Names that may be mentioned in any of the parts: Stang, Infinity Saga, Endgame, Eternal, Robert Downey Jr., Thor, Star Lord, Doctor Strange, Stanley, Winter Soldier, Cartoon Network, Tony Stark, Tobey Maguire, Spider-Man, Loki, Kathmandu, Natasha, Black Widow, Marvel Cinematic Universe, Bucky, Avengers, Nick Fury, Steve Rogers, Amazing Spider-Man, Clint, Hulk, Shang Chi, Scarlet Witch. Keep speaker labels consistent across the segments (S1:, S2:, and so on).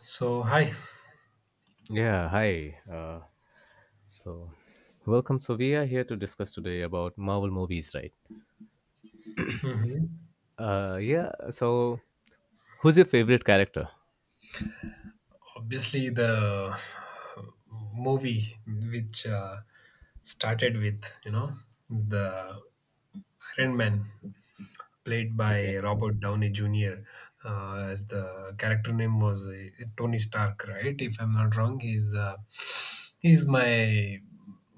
S1: So hi.
S2: Yeah, hi. So, welcome. So, we are here to discuss today about Marvel movies, right?
S1: Hmm.
S2: Uh, yeah. So, who's your favorite character?
S1: Obviously, the movie which started with the Iron Man, played by
S2: Okay.
S1: Robert Downey Jr. As the character name was Tony Stark, right? If I'm not wrong, he's my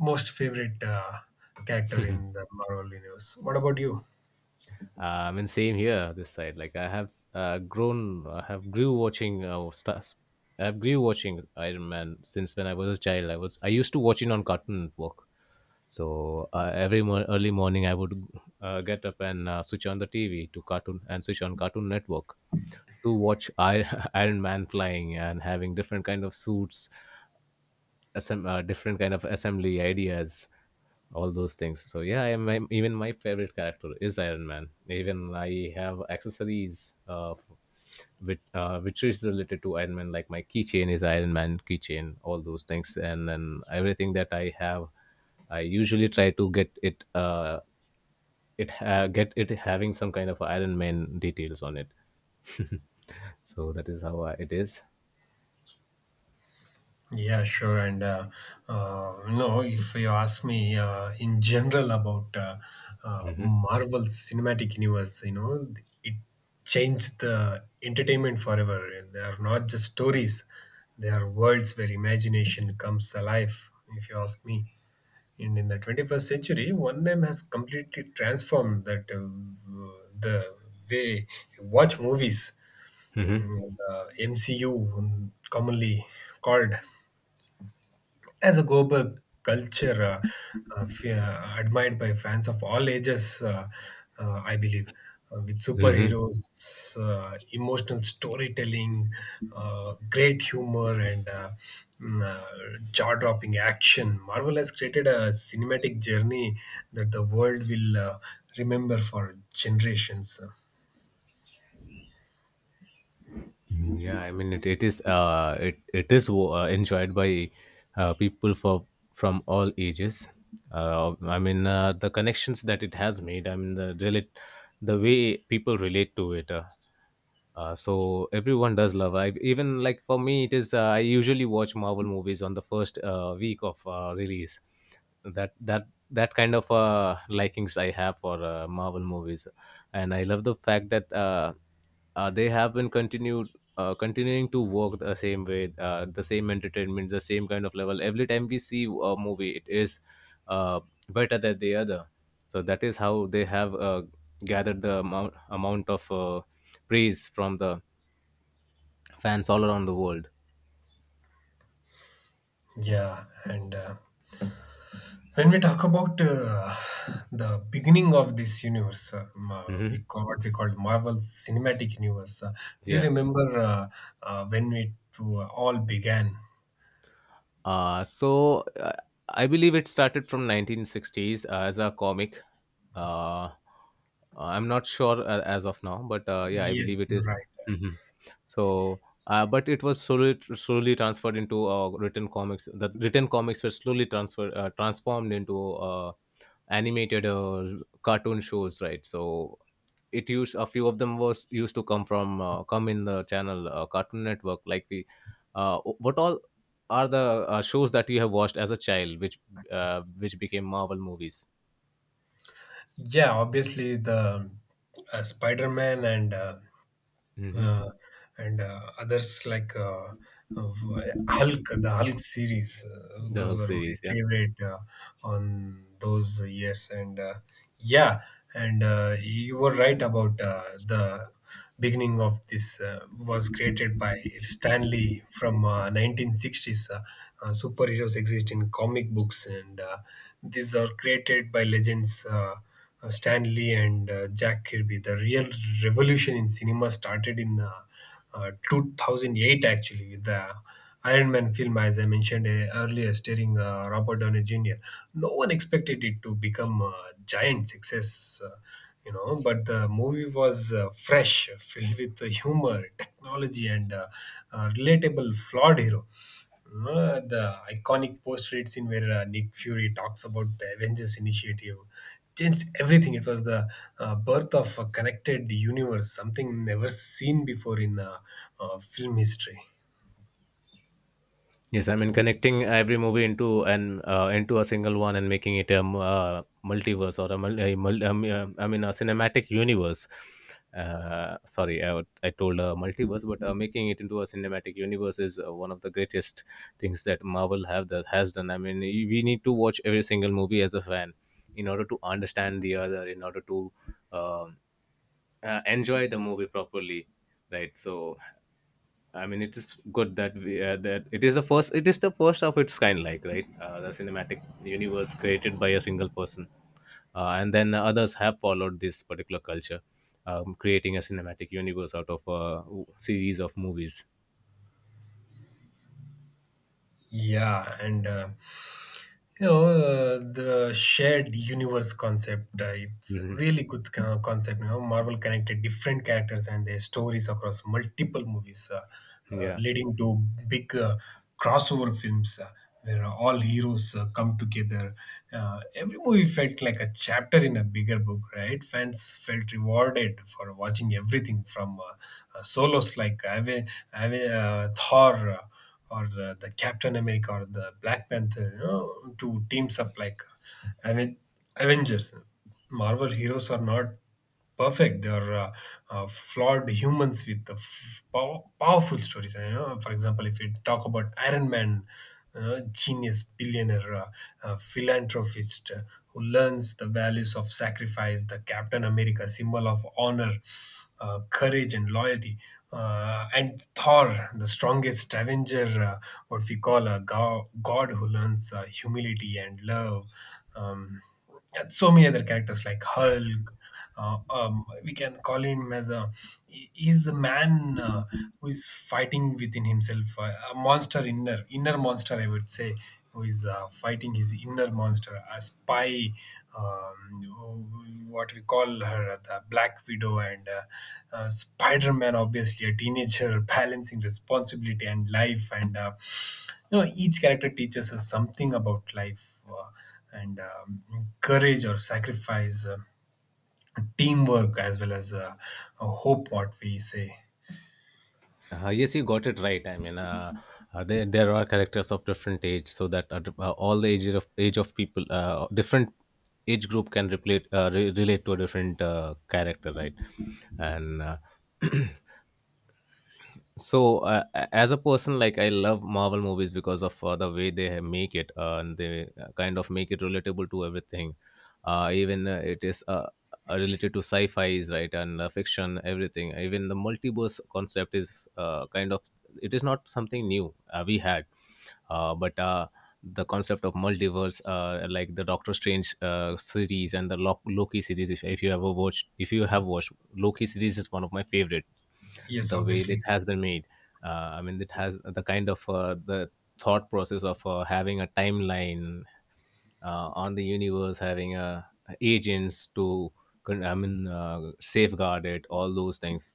S1: most favorite character
S2: uh,
S1: in the Marvel universe. What about you?
S2: I mean, same here. This side, like I have grown, I have grew watching stars. I've grew watching Iron Man since when I was a child. I used to watch it on Cartoon Network. So every early morning, I would get up and switch on the TV to cartoon and switch on Cartoon Network to watch Iron Man flying and having different kind of suits different kind of assembly ideas all those things, so yeah, I even my favorite character is iron man, even I have accessories which is related to iron man, like my keychain is iron man keychain, all those things, and then everything that I have I usually try to get it get it having some kind of iron man details on it. So that is how it is.
S1: Yeah, sure. And no, if you ask me in general about
S2: Mhm,
S1: Marvel Cinematic Universe, you know, it changed the entertainment forever. And they are not just stories; they are worlds where imagination comes alive. If you ask me, and in the 21st century, one name has completely transformed w- the way you watch movies.
S2: mhm,
S1: Mm, the MCU, commonly called as a global culture admired by fans of all ages, I believe, with
S2: mhm.
S1: superheroes, emotional storytelling, great humor, and jaw-dropping action. Marvel has created a cinematic journey that the world will remember for generations.
S2: Yeah, I mean it is it is enjoyed by people for from all ages. I mean the connections that it has made. I mean the way people relate to it. So everyone does love. I even like for me it is. I usually watch Marvel movies on the first week of release. That kind of likings I have for Marvel movies, and I love the fact that. They have been continued continuing to work the same way, the same entertainment, the same kind of level. Every time we see a movie, it is uh, better than the other. So that is how they have gathered the amount of praise from the fans all around the world.
S1: Yeah, and when we talk about the beginning of this universe,
S2: Hmm.
S1: we call what we call Marvel Cinematic Universe. Do you
S2: Yeah.
S1: remember when it all began?
S2: Uh, so uh, I believe it started from 1960s as a comic, uh, I'm not sure as of now, but yeah, I believe
S1: Yes,
S2: it
S1: you're
S2: is.
S1: right.
S2: Mhm. So but it was slowly slowly transferred into written comics. The written comics were slowly transferred transformed into animated cartoon shows, right? So it used, a few of them was used to come from, come in the channel, cartoon network, like the what all are the shows that you have watched as a child which became marvel movies.
S1: Yeah, obviously the Spider-Man and
S2: Hmm.
S1: uh, others like of, uh, Hulk, the Hulk series.
S2: The
S1: Those
S2: hulk
S1: were my
S2: series, yeah.
S1: favorite on those years, and yeah, and you were right about the beginning of this was created by Stanley from 1960s. Superheroes exist in comic books, and these are created by legends. Stan Lee and Jack Kirby. The real revolution in cinema started in 2008, actually, with the Iron Man film, as I mentioned earlier, starring Robert Downey Jr. No one expected it to become a giant success, you know, but the movie was fresh, filled with humor, technology, and a relatable flawed hero. The iconic post credit scene where Nick Fury talks about the Avengers Initiative changed everything. It was the birth of a connected universe, something never seen before in film history.
S2: Yes, I mean connecting every movie into an into a single one and making it a multiverse or a mul- I mean a cinematic universe. Sorry, I told a multiverse, but making it into a cinematic universe is one of the greatest things that Marvel have that has done. I mean, we need to watch every single movie as a fan in order to understand the other, in order to um enjoy the movie properly, right? So I mean, it is good that we that it is the first. It is the first of its kind, like right, the cinematic universe created by a single person, and then others have followed this particular culture, creating a cinematic universe out of a series of movies.
S1: Yeah, and the shared universe concept. It's
S2: Hmm.
S1: really concept. You know, Marvel connected different characters and their stories across multiple movies,
S2: Yeah.
S1: leading to big crossover films where all heroes come together. Every movie felt like a chapter in a bigger book, right? Fans felt rewarded for watching everything from solos like Thor. Or the Captain America or the Black Panther, you know, to teams up like I mean, Avengers. Marvel heroes are not perfect; they are flawed humans with powerful stories. You know, for example, if you talk about Iron Man genius, billionaire, philanthropist who learns the values of sacrifice, the Captain America symbol of honor, courage, and loyalty. And Thor, the strongest Avenger, what we call a god who learns humility and love. Um, and so many other characters like Hulk, we can call him as a he's a man who is fighting within himself, a monster, inner monster I would say, who is fighting his inner monster. A spy, um, who- what we call her the Black Widow, and Spider-Man, obviously a teenager balancing responsibility and life. And you know, each character teaches us something about life, and courage or sacrifice, teamwork, as well as a hope, what we say.
S2: Yes, you got it right. There are characters of different age, so that all the age of people, different age group can relate to a different character, right? And as a person, like I love marvel movies because of the way make it and they kind of make it relatable to everything, even it is related to sci-fi's, right, and fiction, everything. Even the multiverse concept is kind of, it is not something new we had, but the concept of multiverse, like the doctor strange series and the loki series. If you ever watched if you have watched loki series, is one of my favorite,
S1: Yes,
S2: the way that it
S1: obviously.
S2: has been made. Uh, I mean, it has the kind of the thought process of having a timeline on the universe, having agents to, I mean, safeguard it, all those things.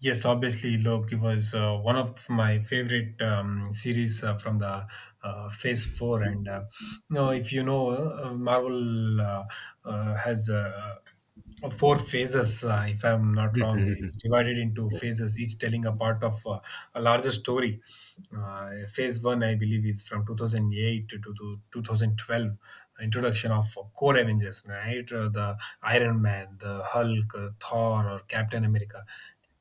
S1: Yes, obviously, Loki was one of my favorite series from the Phase Four, and you know, if you know, Marvel has four phases. If I'm not wrong, it's divided into phases, each telling a part of a larger story. Phase one, I believe, is from 2008 to, 2012. Introduction of core Avengers, right? The Iron Man, the Hulk, Thor, or Captain America.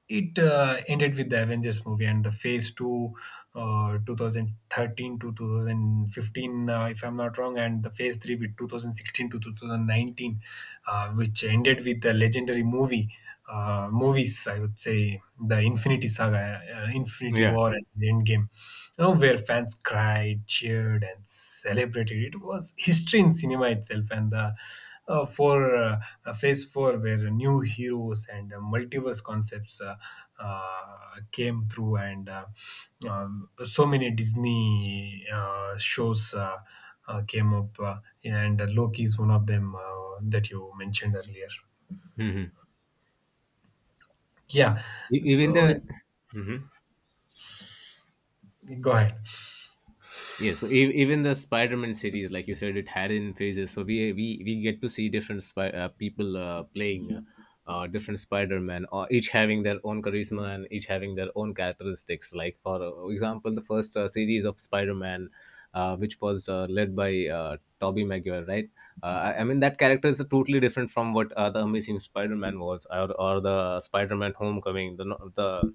S1: It ended with the Avengers movie, and the Phase Two, 2013 to 2015, if I'm not wrong, and the Phase Three with 2016 to 2019, which ended with the legendary movies. I would say the Infinity Saga, Infinity
S2: Yeah.
S1: War, and Endgame, you know, where fans cried, cheered, and celebrated. It was history in cinema itself, and the for phase four, where new heroes and multiverse concepts came through, and so many Disney shows came up, and Loki is one of them that you mentioned earlier. Yeah,
S2: Even
S1: so
S2: the
S1: it-
S2: Mhm.
S1: go ahead.
S2: Yeah, so even the Spider-Man series, like you said, it had in phases. So we get to see different people playing different Spider-Man, each having their own charisma and each having their own characteristics. Like for example, the first series of Spider-Man, which was led by Tobey Maguire, right? I mean, that character is totally different from what the Amazing Spider-Man was, or the Spider-Man Homecoming, the no- the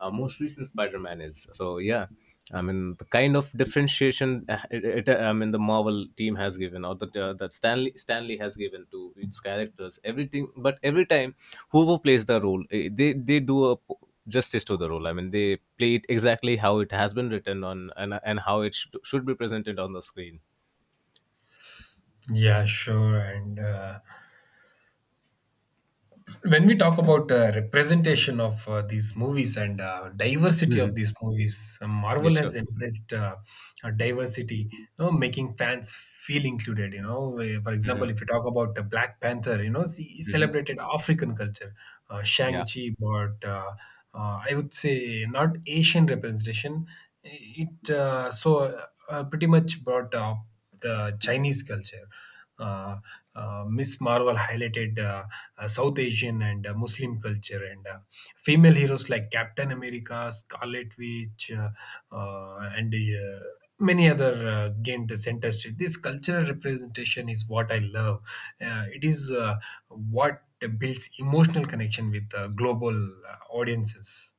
S2: most recent Spider-Man is. So yeah, I mean, the kind of differentiation I mean, the Marvel team has given, or that Stanley has given to its characters, everything. But every time, whoever plays the role, they do justice to the role. I mean, they play it exactly how it has been written on, and how it should be presented on the screen.
S1: Yeah, sure, and. When we talk about representation of these movies and diversity
S2: Hmm.
S1: of these movies,
S2: It
S1: Marvel has
S2: should.
S1: embraced diversity, you know, making fans feel included. You know, for example, if you
S2: Hmm.
S1: talk about Black Panther, you know, he
S2: Hmm.
S1: celebrated African culture.
S2: Yeah,
S1: Shang Chi brought, I would say, not Asian representation. It so Pretty much brought up the Chinese culture. uh, Miss Marvel highlighted South Asian and Muslim culture, and female heroes like Captain America, Scarlet Witch, and many other gained the center stage. This cultural representation is what I love. It is what builds emotional connection with global audiences.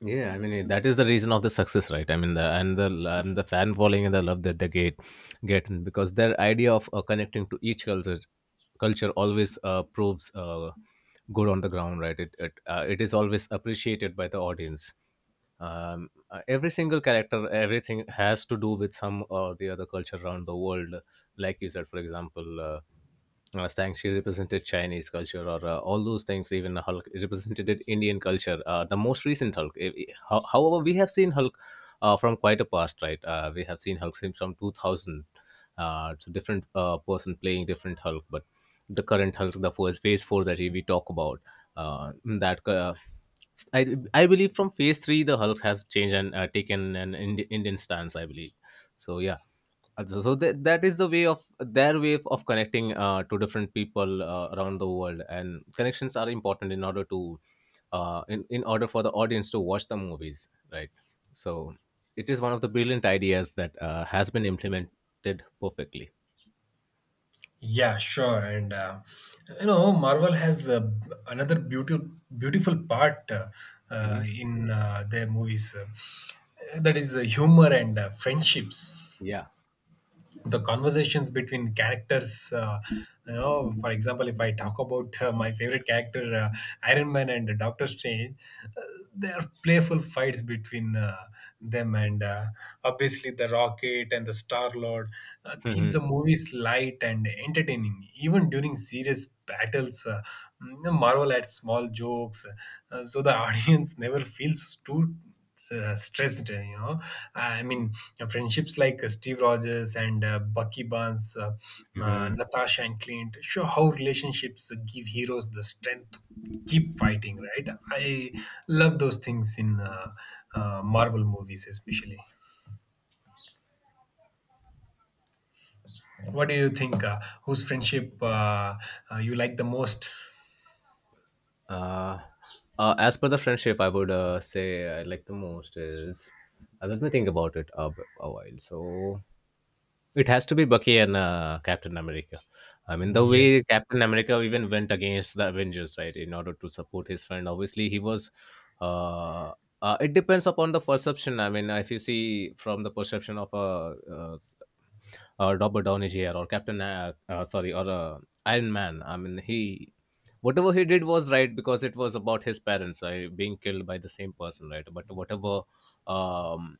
S2: yeah, I mean it, that is the reason of the success, right? I mean the and the and the fan following and the love that they get because their idea of connecting to each culture always proves good on the ground, right? It is always appreciated by the audience. Every single character, everything has to do with some or the other culture around the world. Like you said, for example. Stang, she represented Chinese culture or all those things. Even Hulk represented Indian culture. The most recent Hulk. However, we have seen Hulk from quite a past, right? We have seen Hulk since from 2000. So different person playing different Hulk, but the current Hulk, the first phase four that we talk about, that I believe from phase three the Hulk has changed and taken an Indian stance, I believe. So yeah, that, that is the way of their way of connecting to different people around the world, and connections are important in order to in order for the audience to watch the movies, right? So it is one of the brilliant ideas that has been implemented perfectly.
S1: Yeah, sure. And you know, Marvel has another beautiful, beautiful part
S2: Hmm.
S1: in their movies. That is humor and friendships,
S2: Yeah.
S1: the conversations between characters. You know, for example, if I talk about my favorite character, Iron Man and Doctor Strange, uh, there are playful fights between them, and obviously the Rocket and the Star Lord keep the
S2: Mhm.
S1: movies light and entertaining. Even during serious battles, Marvel adds small jokes, so the audience never feels too stressed, you know. i mean Friendships like Steve Rogers and Bucky Barnes,
S2: Mhm.
S1: Natasha and Clint, show how relationships give heroes the strength to keep fighting, right? I love those things in Marvel movies especially. What do you think, whose friendship you like the most?
S2: Uh, as per the friendship, I would say I like the most is, let me think about it a while. So it has to be Bucky and Captain America. I mean, the way
S1: Yes.
S2: Captain America even went against the Avengers, right, in order to support his friend. Obviously, he was. Uh, it depends upon the perception. I mean, if you see from the perception of Robert Downey Jr. or sorry, or Iron Man. I mean, he, whatever he did was right because it was about his parents being killed by the same person, right? But whatever um,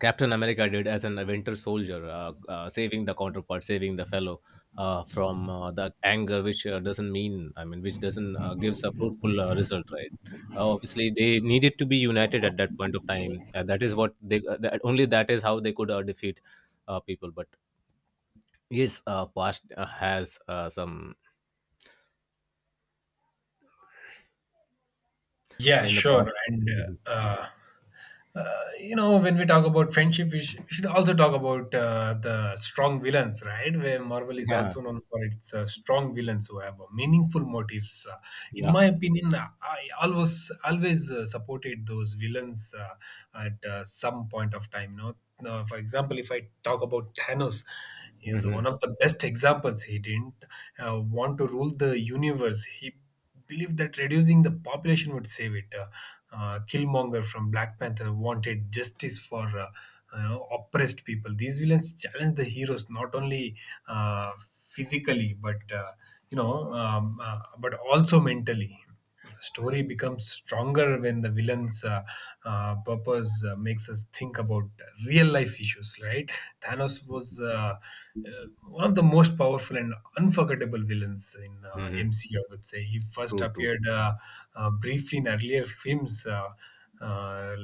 S2: Captain America did as an Winter Soldier, saving the counterpart, saving the fellow from the anger, which doesn't mean, I mean, which doesn't gives a fruitful result, right? Obviously, they needed to be united at that point of time. That is what only that is how they could defeat people. But yes, past has some
S1: Yeah,
S2: in the past.
S1: sure. And
S2: Mhm.
S1: uh, uh, uh, you know, when we talk about friendship, we, we should also talk about the strong villains, right? Where Marvel is
S2: Yeah,
S1: also known for its strong villains who have meaningful motives. In
S2: yeah.
S1: my opinion, I always supported those villains at some point of time. You know, for example, if I talk about Thanos, is
S2: Hmm.
S1: one of the best examples. He didn't want to rule the universe. He believe that reducing the population would save it. Killmonger from Black Panther wanted justice for you know, oppressed people. These villains challenge the heroes not only physically, but but also mentally. Story becomes stronger when the villain's purpose makes us think about real life issues, right? Thanos was. Uh, one of the most powerful and unforgettable villains in
S2: Hmm.
S1: MC, I would say. He first
S2: True, true.
S1: appeared briefly in earlier films, uh,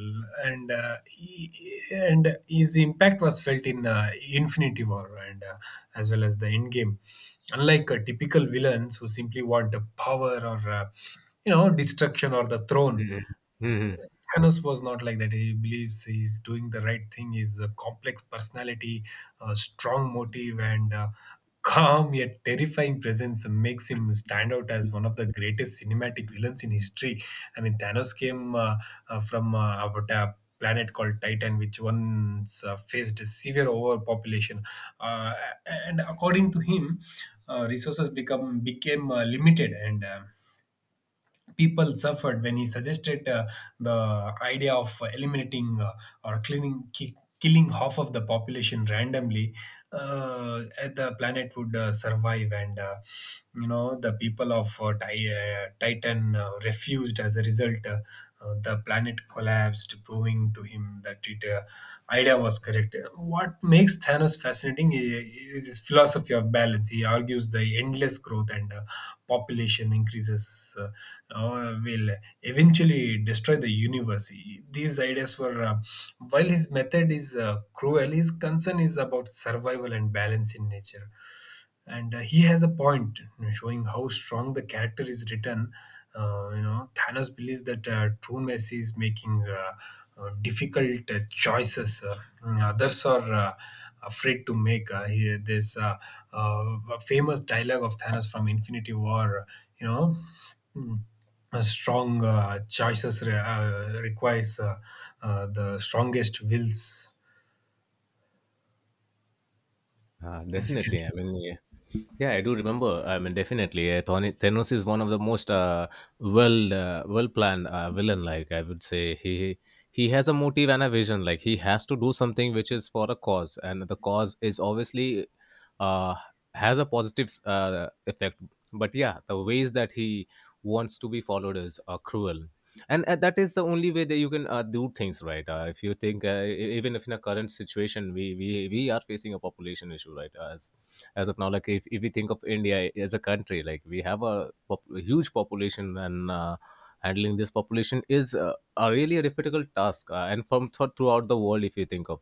S1: and he, and his impact was felt in Infinity War and as well as the Endgame. Unlike typical villains who simply want the power or you know destruction or the throne,
S2: Hmm. Hmm.
S1: Thanos was not like that. He believes he's doing the right thing. He's a complex personality, a strong motive, and calm yet terrifying presence makes him stand out as one of the greatest cinematic villains in history. I mean, Thanos came from about a planet called Titan, which once faced severe overpopulation. Uh, and according to him, resources become became limited, and people suffered. When he suggested the idea of eliminating, or cleaning, killing half of the population randomly, uh, the planet would survive, and you know, the people of Titan refused. As a result, the planet collapsed, proving to him that it idea was correct. What makes Thanos fascinating is his philosophy of balance. He argues the endless growth and population increases will eventually destroy the universe. These ideas were, while his method is cruel, his concern is about survival and balance in nature. And he has a point, you know, showing how strong the character is written. You know, Thanos believes that true mercy is making difficult choices. Others are afraid to make. He, this Famous dialogue of Thanos from Infinity War, you know. Hmm. Strong choices requires the strongest wills if you can.
S2: Definitely. I mean, yeah, yeah, I do remember. I mean, definitely, Thanos is one of the most well planned villain. Like I would say, he has a motive and a vision. Like he has to do something which is for a cause, and the cause is obviously uh, has a positive effect. But yeah, the ways that he wants to be followed is cruel and that is the only way that you can do things right if you think even if in a current situation we are facing a population issue, right? As of now, like if we think of india as a country, like we have a huge population, and handling this population is a really a difficult task, and from throughout the world if you think of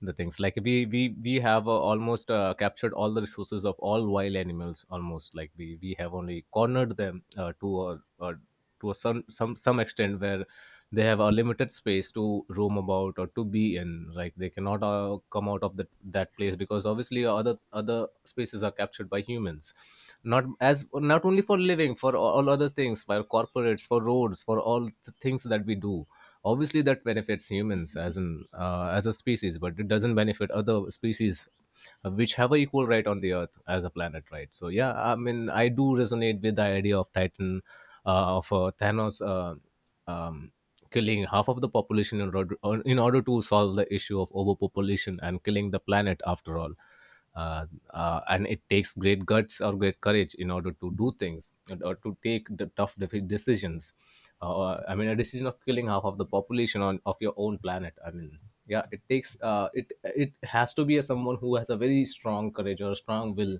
S2: the things, like we have almost captured all the resources of all wild animals. Almost like we have only cornered them to a a some extent where they have a limited space to roam about or to be in. Like they cannot come out of that place, because obviously other spaces are captured by humans. Not as, not only for living, for all other things, for corporates, for roads, for all the things that we do obviously that benefits humans as an, as a species, but it doesn't benefit other species which have a equal right on the earth as a planet, right? So yeah, I mean, I do resonate with the idea of titan, of Thanos, um, killing half of the population in order to solve the issue of overpopulation and killing the planet after all. Uh, and it takes great guts or great courage in order to do things or to take the tough decisions. I mean, a decision of killing half of the population on of your own planet. I mean, yeah, it takes it it has to be a, someone who has a very strong courage or a strong will,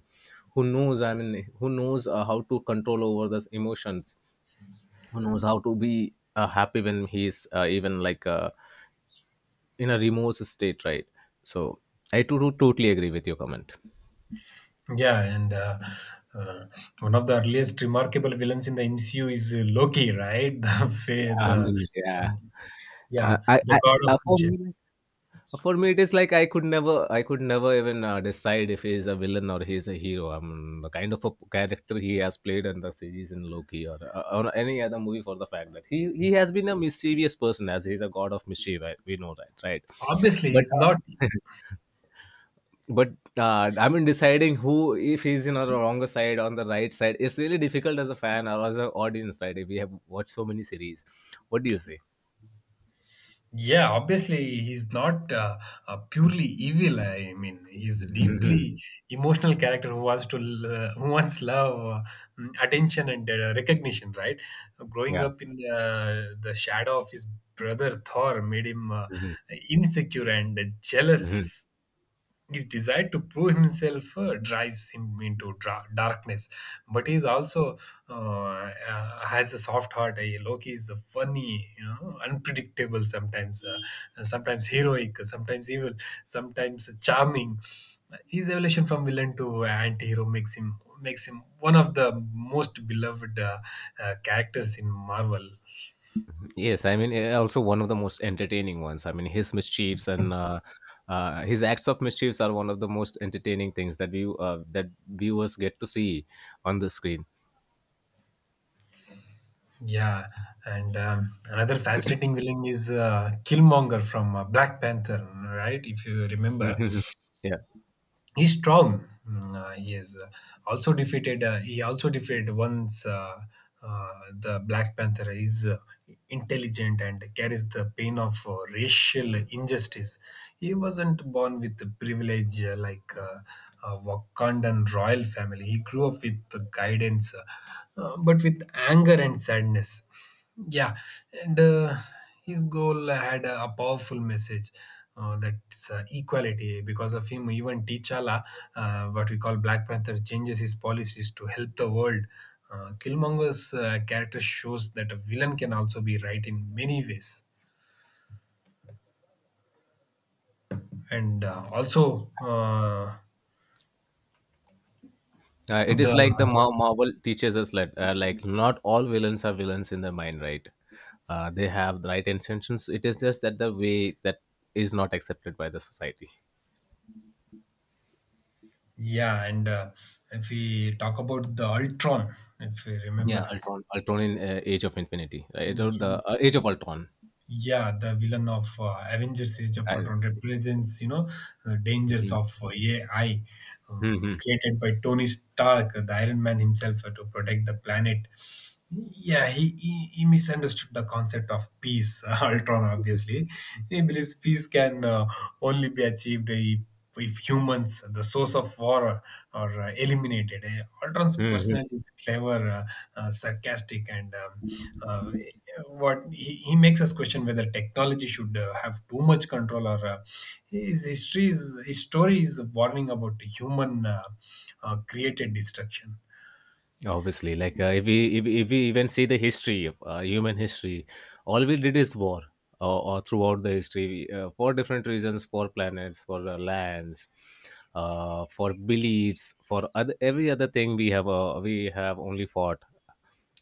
S2: who knows. I mean, who knows how to control over those emotions, who knows how to be happy when he's even like in a remorse state, right? So I totally agree with your comment.
S1: Yeah, and uh, one of the earliest remarkable villains in the MCU is Loki, right? the fa-
S2: I
S1: the
S2: mean
S1: uh,
S2: yeah.
S1: yeah, the
S2: I
S1: god of
S2: For
S1: mischief.
S2: me, like, for me it is like I could never even decide if he is a villain or he is a hero. I mean the kind of a character he has played in the series, in loki, or any other movie, for the fact that he has been a mischievous person as he's a god of mischief. I- we know that, right?
S1: Obviously
S2: But
S1: he's not.
S2: uh, but I mean, deciding who, if he's in on the wrong side on the right side, it's really difficult as a fan or as an audience, right? If we have watched so many series, what do you say?
S1: Yeah, obviously he's not purely evil. I mean, he's deeply emotional character who who wants love, mm, attention, and recognition. Right, growing
S2: Yeah.
S1: up in the shadow of his brother Thor made him
S2: Mhm.
S1: insecure and
S2: Mhm.
S1: jealous. His desire to prove himself drives him into darkness, but he's also has a soft heart. Eh, Loki is funny, you know, unpredictable, sometimes sometimes heroic, sometimes evil, sometimes charming. His evolution from villain to anti-hero makes him one of the most beloved characters in Marvel.
S2: Yes, I mean eh, also one of the most entertaining ones. I mean his mischiefs and his acts of mischiefs are one of the most entertaining things that we that viewers get to see on the screen.
S1: Yeah, and another fascinating villain is Killmonger from Black Panther, right? If you remember,
S2: Yeah.
S1: he's strong. Mm, he is also defeated. He also defeated once the Black Panther, is intelligent and carries the pain of racial injustice. He wasn't born with the privilege like Wakandan royal family. He grew up with the guidance, but with anger and sadness. Yeah, and his goal had a powerful message. That's equality. Because of him, even T'Challa, what we call Black Panther, changes his policies to help the world. Killmonger's character shows that a villain can also be right in many ways, and also
S2: It is
S1: the
S2: like the Marvel teaches us that like not all villains are villains in their mind, right? They have the right intentions. It is just that the way that is not accepted by the society.
S1: yeah, and if we talk about the Ultron, if we
S2: Yeah,
S1: remember.
S2: Ultron, Ultron in Age of Infinity, right? Or the Age of Ultron.
S1: Yeah, the villain of Avengers Age of
S2: I,
S1: Ultron represents, you know, the dangers
S2: Mhm.
S1: of AI,
S2: Mhm.
S1: created by Tony Stark, the Iron Man himself, to protect the planet. Yeah, he misunderstood the concept of peace, Ultron, obviously. He believes peace can only be achieved if humans, the source of war, are eliminated. Eh, Ultron's
S2: Mhm.
S1: personality is clever, sarcastic, and uh, what he makes us question whether technology should have too much control, or his story is a warning about human created destruction.
S2: Obviously, like if we even see the history of human history, all we did is war. Or throughout the history for different reasons, for planets, for lands, for beliefs, for other, every other thing we have only fought.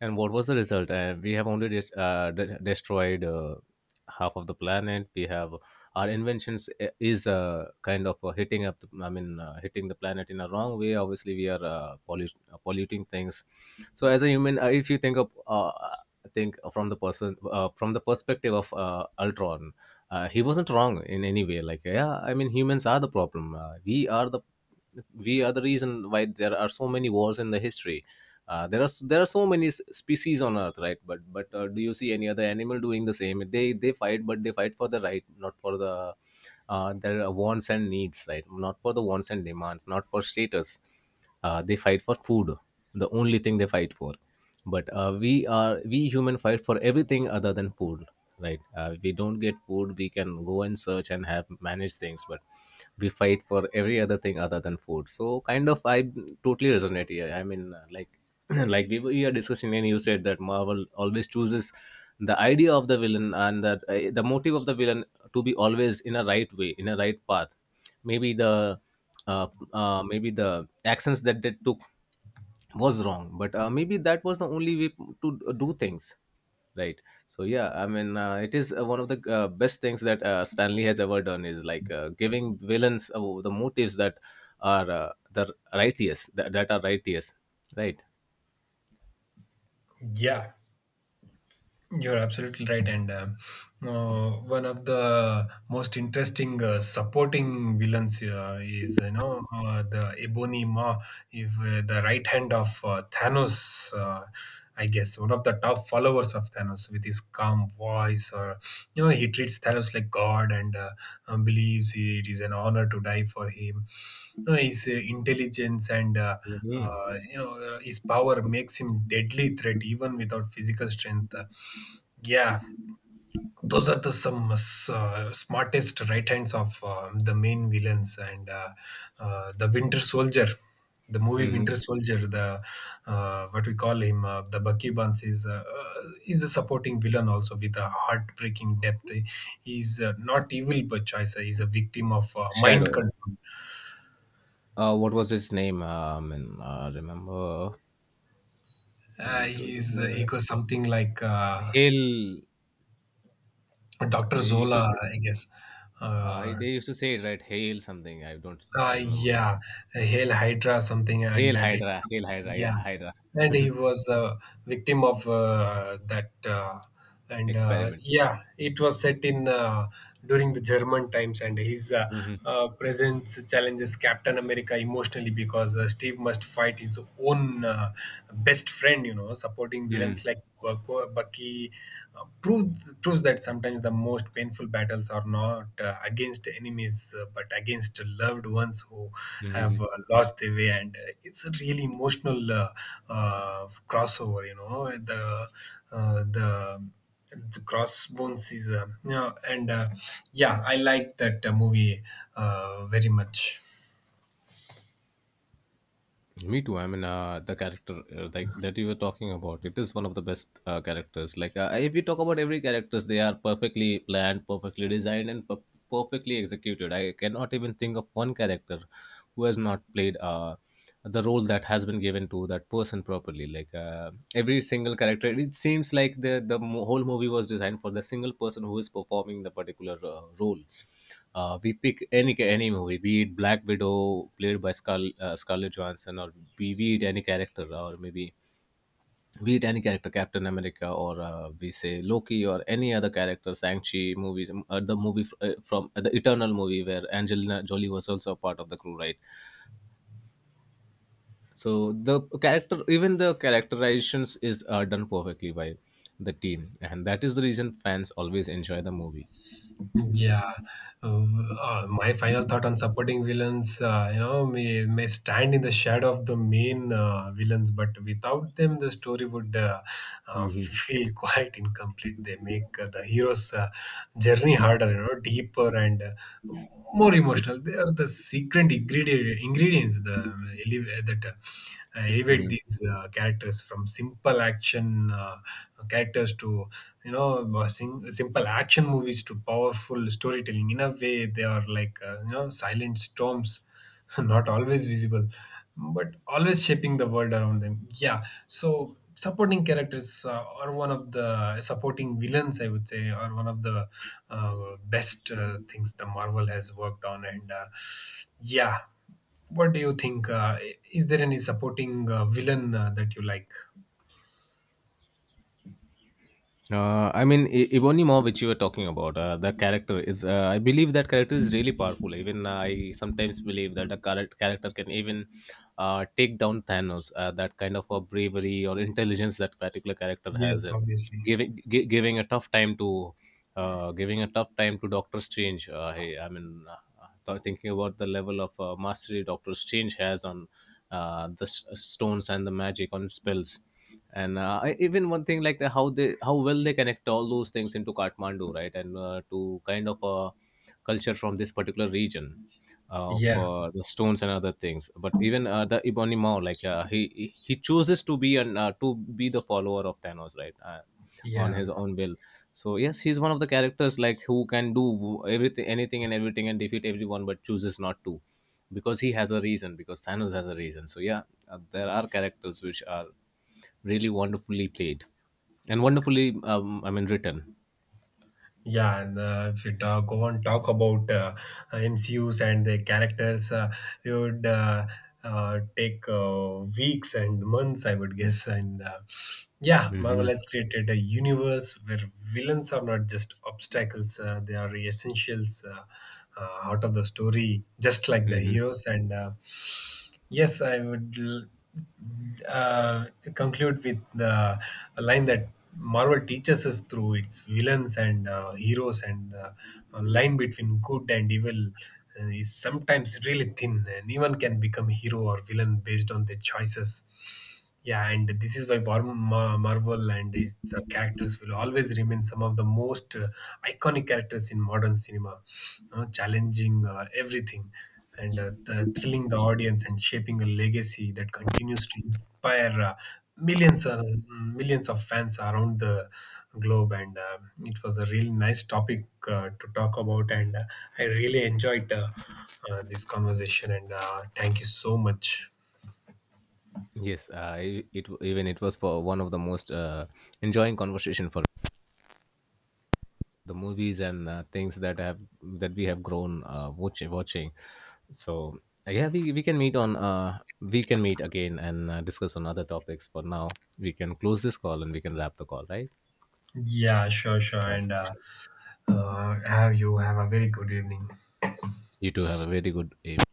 S2: And what was the result? We have only destroyed half of the planet. We have our inventions is kind of hitting up the, I mean hitting the planet in a wrong way. Obviously we are polluting things. So as a human, if you think of think from the person from the perspective of Ultron, he wasn't wrong in any way. Like yeah, I mean humans are the problem. We are the, we are the reason why there are so many wars in the history. There are there are so many species on Earth, right? But do you see any other animal doing the same? They fight, but they fight for the right, not for the their wants and needs, right? Not for the wants and demands, not for status. They fight for food, the only thing they fight for. But we are, we human fight for everything other than food, right? We don't get food, we can go and search and have manage things. But we fight for every other thing other than food. So kind of I totally resonate here. I mean, like like we were here discussing and you said that marvel always chooses the idea of the villain, and that the motive of the villain to be always in a right way, in a right path. maybe the uh, Maybe the actions that they took was wrong, but maybe that was the only way to do things, right? So yeah, I mean, it is one of the best things that stanley has ever done, is like giving villains the motives that are the righteous, that are righteous, right?
S1: Yeah, you're absolutely right, and one of the most interesting supporting villains is, you know, the Ebony Maw, if the right hand of Thanos. I guess one of the top followers of Thanos with his calm voice, or you know, he treats Thanos like God and believes it is an honor to die for him. You know, his intelligence and
S2: Mhm.
S1: you know, his power makes him deadly threat even without physical strength. Yeah, those are the some smartest right hands of the main villains, and the Winter Soldier, the movie
S2: Mhm.
S1: Winter Soldier, the what we call him, the Bucky Barnes is a supporting villain also with a heartbreaking depth. He's not evil by choice. He's a victim of mind
S2: Shadow,
S1: control.
S2: what was his name, um, and remember.
S1: He's he goes something like
S2: Hill.
S1: Doctor
S2: They used to.
S1: Zola, I guess. Uh,
S2: They used to say it, right? Hail something. I don't remember now.
S1: Yeah, Hail Hydra, something like
S2: Hail
S1: that. It,
S2: Hydra. Hail Hydra.
S1: yeah,
S2: Yeah, Hydra.
S1: and he was a victim of that. And
S2: Experiment.
S1: Yeah, it was set in during the German times, and his
S2: Hmm.
S1: presence challenges Captain America emotionally because Steve must fight his own best friend. You know, supporting villains like Bucky proves that sometimes the most painful battles are not against enemies, but against loved ones who have
S2: Hmm.
S1: lost their way. And it's a really emotional crossover. You know, uh, the the crossbones is, you know, and yeah, I like that movie very much.
S2: Me too. I mean, the character like that you were talking about, it is one of the best characters. Like, if we talk about every characters, they are perfectly planned, perfectly designed, and perfectly executed. I cannot even think of one character who has not played the role that has been given to that person properly. Like every single character, it seems like the whole movie was designed for the single person who is performing the particular role. We pick any movie, be it Black Widow played by Scarlett Johansson, or be it any character, or maybe be it any character, Captain America, or we say Loki, or any other character, Shang-Chi movies, the movie f- from the Eternal movie where Angelina Jolie was also a part of the crew, right? So the character, even the characterizations is done perfectly by the team, and that is the reason fans always enjoy the movie.
S1: Yeah, uh, my final thought on supporting villains, you know, may stand in the shadow of the main villains, but without them, the story would
S2: Mhm.
S1: feel quite incomplete. They make the hero's journey harder, you know, deeper and more emotional. They are the secret ingredients, the elev- that elevate these characters from simple action characters to simple action movies to powerful storytelling. In a way, they are like, you know, silent storms, not always visible, but always shaping the world around them. Yeah. So supporting characters are one of the supporting villains, I would say, are one of the best things the Marvel has worked on. And yeah, what do you think? Is there any supporting villain that you like?
S2: I mean, I- Ibonimo, which you were talking about, the character is. I believe that character is really powerful. Even I sometimes believe that the character can even take down Thanos. That kind of a bravery or intelligence that particular character has,
S1: Yes, obviously.
S2: giving a tough time to giving a tough time to Doctor Strange. I mean, thinking about the level of mastery Doctor Strange has on stones and the magic on spells, and I, even one thing, like how they, how well they connect all those things into Kathmandu, right, and to kind of a culture from this particular region of
S1: Yeah.
S2: the stones and other things. But even the Ebony Maw, like he chooses to be an, to be the follower of Thanos, right? On
S1: Yeah.
S2: his own will. So yes, he's one of the characters like who can do everything, anything and everything, and defeat everyone, but chooses not to, because he has a reason, because thanos has a reason. So yeah, there are characters which are really wonderfully played and wonderfully I mean written.
S1: Yeah, and if you talk, go on talk about MCUs and the characters, it would take weeks and months, I would guess. And yeah, Marvel
S2: Hmm.
S1: has created a universe where villains are not just obstacles; they are essentials out of the story, just like the
S2: Hmm.
S1: heroes. And yes, I would uh, conclude with the line that Marvel teaches us through its villains and heroes, and the line between good and evil is sometimes really thin. Anyone can become hero or villain based on their choices. Yeah, and this is why Marvel and its characters will always remain some of the most iconic characters in modern cinema, know, challenging everything and thrilling the audience and shaping a legacy that continues to inspire millions uh, millions of fans around the globe. And it was a really nice topic to talk about, and I really enjoyed this conversation, and thank you so much.
S2: Yes, it even it was for one of the most enjoying conversation for the movies and things that have that we have grown watching. So yeah, we can meet on, we can meet again and discuss on other topics. For now, we can close this call and we can wrap the call, right?
S1: Yeah, sure
S2: Yeah.
S1: and
S2: Sure.
S1: have you have a very good evening.
S2: You two have a very good evening.